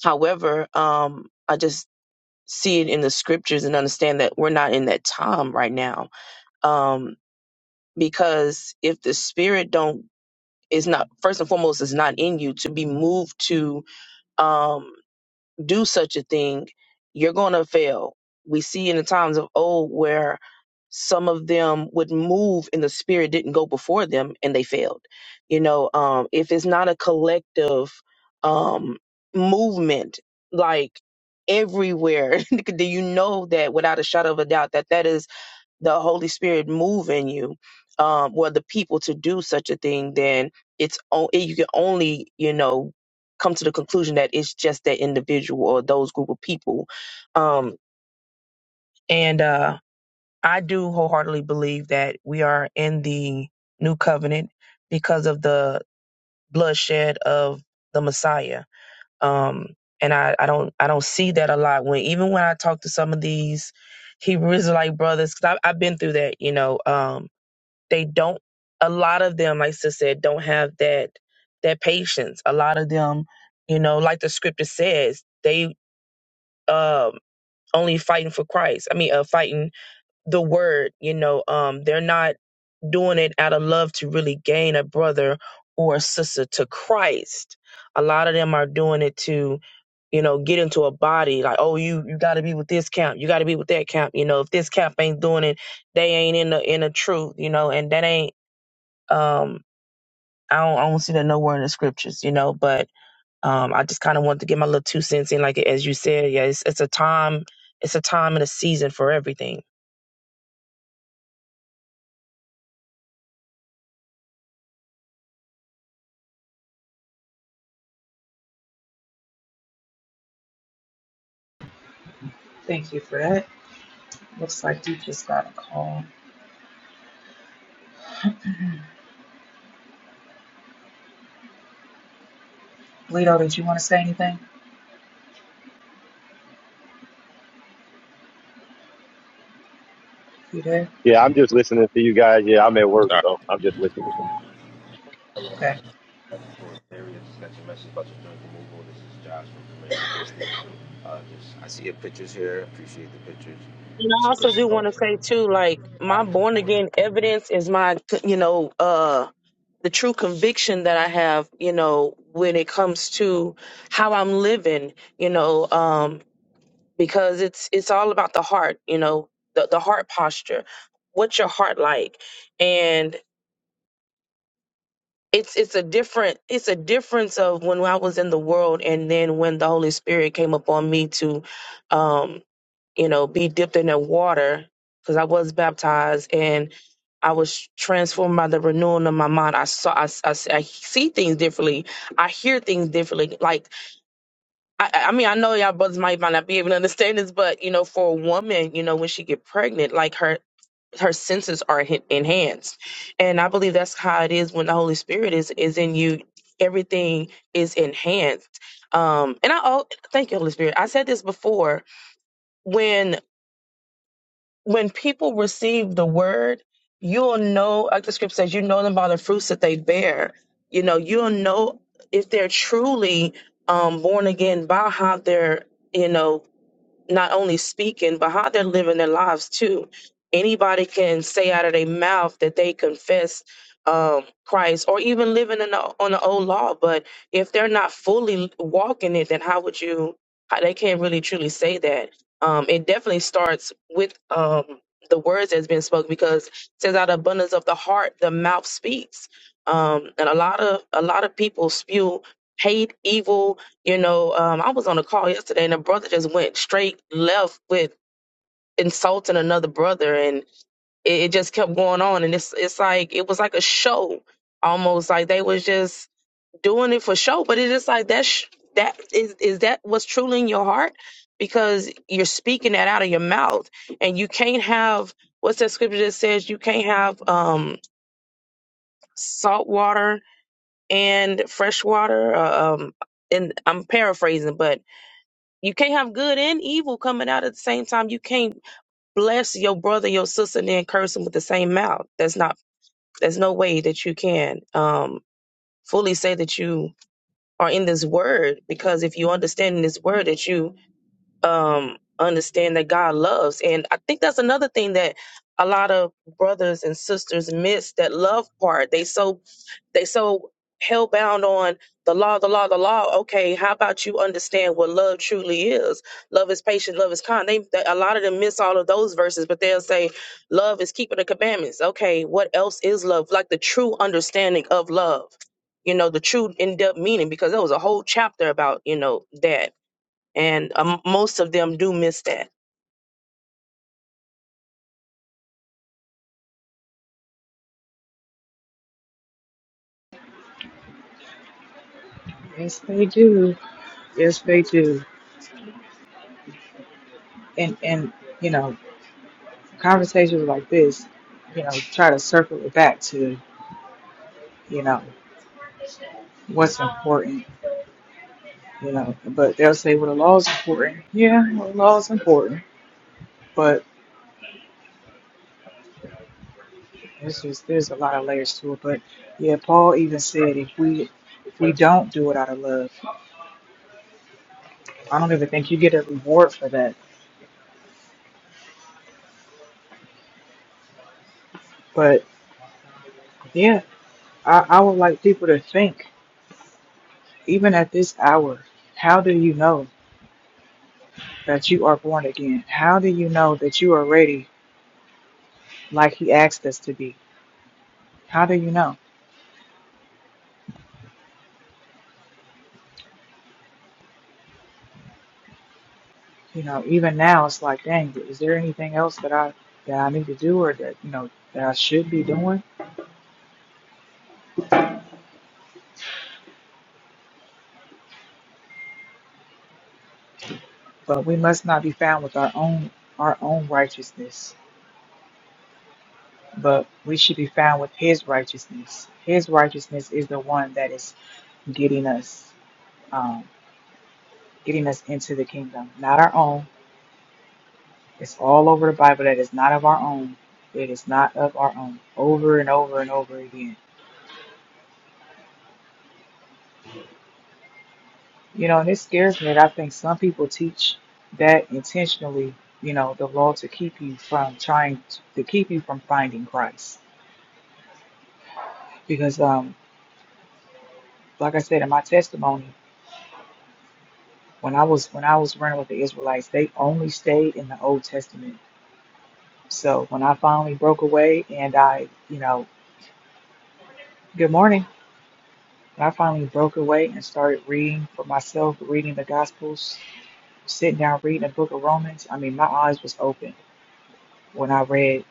However, um, I just see it in the scriptures and understand that we're not in that time right now. Um, because if the Spirit don't is not first and foremost is not in you to be moved to um do such a thing, you're going to fail. We see in the times of old where some of them would move and the spirit didn't go before them and they failed. You know, um, if it's not a collective um, movement, like everywhere, do you know that without a shadow of a doubt that that is the Holy Spirit move in you, um, or the people to do such a thing, then it's o- you can only you know come to the conclusion that it's just that individual or those group of people. Um, and uh, I do wholeheartedly believe that we are in the new covenant because of the bloodshed of the Messiah. Um, and I, I don't I don't see that a lot when even when I talk to some of these Hebrew Israelite brothers because I've been through that you know um, they don't. A lot of them, like Sis said, don't have that that patience. A lot of them, you know, like the scripture says, they um only fighting for Christ. I mean, uh, fighting the word. You know, um, they're not doing it out of love to really gain a brother or a sister to Christ. A lot of them are doing it to you know, get into a body like, oh, you you got to be with this camp, you got to be with that camp. You know, if this camp ain't doing it, they ain't in the in the truth. You know, and that ain't um I don't, I don't see that nowhere in the scriptures, you know. But um, I just kind of wanted to get my little two cents in, like as you said, yeah, it's, it's a time, it's a time and a season for everything.
thank you for that. Looks like you just got a call. Lito, did you want to say anything? You there?
Yeah, I'm just listening to you guys. Yeah, I'm at work,
Sorry.
so I'm just listening.
Okay.
Areas that you mentioned about your joint removal. This is Josh from Command Station. Uh, just, I see your pictures here. Appreciate the pictures.
And I also do want to
Shalom.
say too, like my born again evidence is my, you know, uh, the true conviction that I have, you know, when it comes to how I'm living, you know, um, because it's it's all about the heart, you know, the the heart posture. What's your heart like? And it's it's a different it's a difference of when I was in the world and then when the Holy Spirit came upon me to um you know be dipped in that water because I was baptized and I was transformed by the renewing of my mind. I saw I, I, I see things differently. I hear things differently. Like I I mean I know y'all brothers might, might not be able to understand this, but you know for a woman you know when she get pregnant like her her senses are en- enhanced and i believe that's how it is when the holy spirit is is in you everything is enhanced um and i oh, thank you holy spirit i said this before when when people receive the word you'll know like the script says you know them by the fruits that they bear you know you'll know if they're truly um born again by how they're you know not only speaking, but how they're living their lives too. Anybody can say out of their mouth that they confess um, Christ or even living in the, on the old law, but if they're not fully walking it, then how would you? How, they can't really truly say that. Um, it definitely starts with um, the words that's been spoken because it says out of abundance of the heart, the mouth speaks. Um, and a lot of a lot of people spew hate, evil, you know, um, I was on a call yesterday and a brother just went straight left with insulting another brother and it, it just kept going on and it's it's like it was like a show almost like they was just doing it for show, but it is like that sh- that is is that what's truly in your heart? Because you're speaking that out of your mouth and you can't have what's that scripture that says you can't have um salt water and fresh water uh, um and I'm paraphrasing but You can't have good and evil coming out at the same time. You can't bless your brother, your sister, and then curse them with the same mouth. That's not. There's no way that you can um, fully say that you are in this word because if you understand in this word that you um, understand that God loves. And I think that's another thing that a lot of brothers and sisters miss that love part. They so they so hellbound on the law, the law, the law. Okay, how about you understand what love truly is? Love is patient, love is kind. They, they a lot of them miss all of those verses, but they'll say love is keeping the commandments. Okay, what else is love? Like the true understanding of love. You know, the true in-depth meaning, because there was a whole chapter about, you know, that and um, most of them do miss that.
Yes, they do. Yes, they do. And and you know, conversations like this, you know, try to circle it back to you know what's important. You know, but they'll say, well, the law's important. Yeah, well, the law's important, but. It's just there's a lot of layers to it, but yeah, Paul even said if we if we don't do it out of love, I don't even think you get a reward for that. But yeah, I, I would like people to think, even at this hour, how do you know that you are born again? How do you know that you are ready like he asked us to be? How do you know? You know, even now it's like, dang, is there anything else that I that I need to do or that you know that I should be doing? But we must not be found with our own our own righteousness but we should be found with his righteousness. His righteousness is the one that is getting us um, getting us into the kingdom, not our own. It's all over the Bible that is not of our own. It is not of our own, over and over and over again. You know, and it scares me that I think some people teach that intentionally, you know, the law to keep you from trying to, to keep you from finding Christ. Because um, like I said in my testimony, When I was when I was running with the Israelites, they only stayed in the Old Testament. So when I finally broke away and I, you know, good morning. When I finally broke away and started reading for myself, reading the Gospels, sitting down reading the Book of Romans. I mean, my eyes was open when I read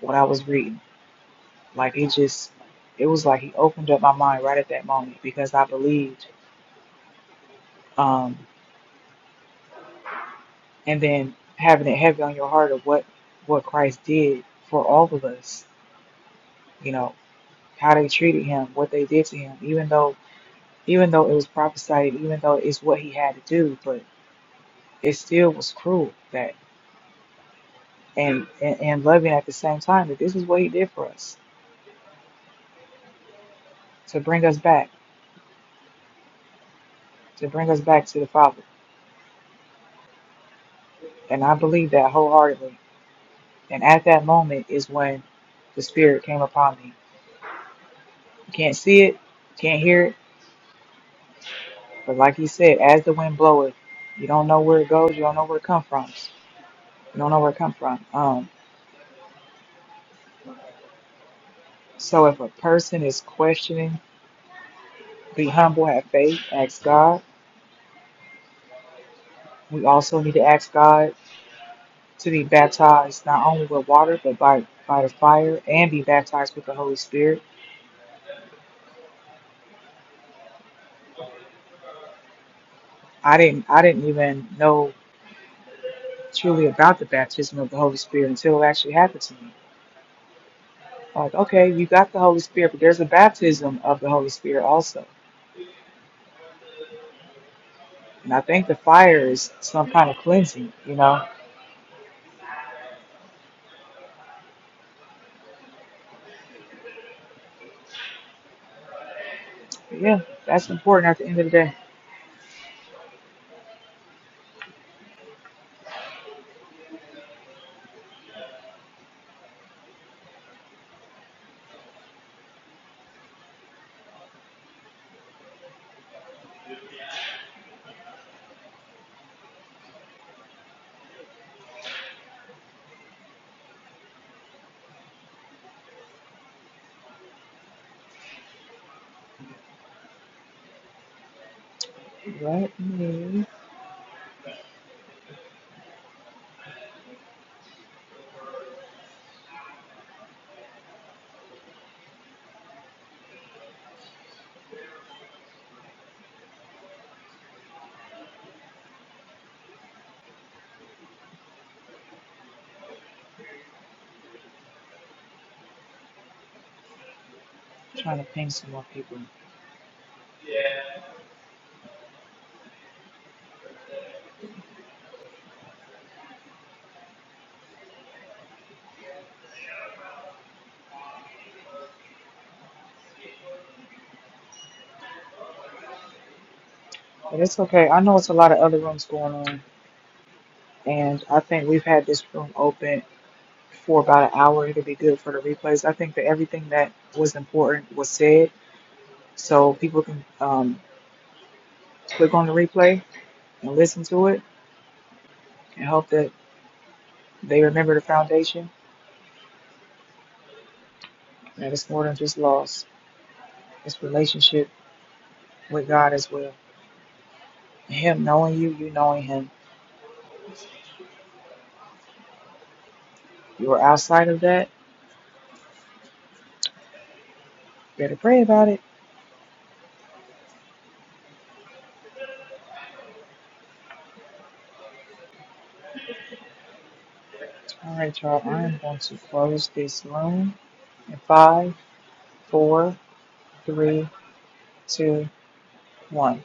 what I was reading. Like it just, it was like he opened up my mind right at that moment because I believed. Um, and then having it heavy on your heart of what what Christ did for all of us. You know, how they treated him, what they did to him, even though even though it was prophesied, even though it's what he had to do, but it still was cruel that and, and, and loving at the same time that this is what he did for us to bring us back, to bring us back to the Father. And I believe that wholeheartedly. And at that moment is when the Spirit came upon me. You can't see it, can't hear it, but like he said, as the wind bloweth, you don't know where it goes, you don't know where it come from. You don't know where it come from. Um so if a person is questioning Be humble, have faith, ask God. We also need to ask God to be baptized not only with water but by by the fire and be baptized with the Holy Spirit. I didn't I didn't even know truly about the baptism of the Holy Spirit until it actually happened to me. Like, okay, you got the Holy Spirit, but there's a baptism of the Holy Spirit also. And I think the fire is some kind of cleansing, you know. But yeah, that's important at the end of the day. Let me I'm trying to ping some more people. But it's okay. I know it's a lot of other rooms going on. and I think we've had this room open for about an hour. It'll be good for the replays. I think that everything that was important was said, so people can um, click on the replay and listen to it, and hope that they remember the foundation that it's more than just loss. It's relationship with God as well. Him knowing you, you knowing Him. You are outside of that. Better pray about it. All right, y'all. I am going to close this room in five, four, three, two, one.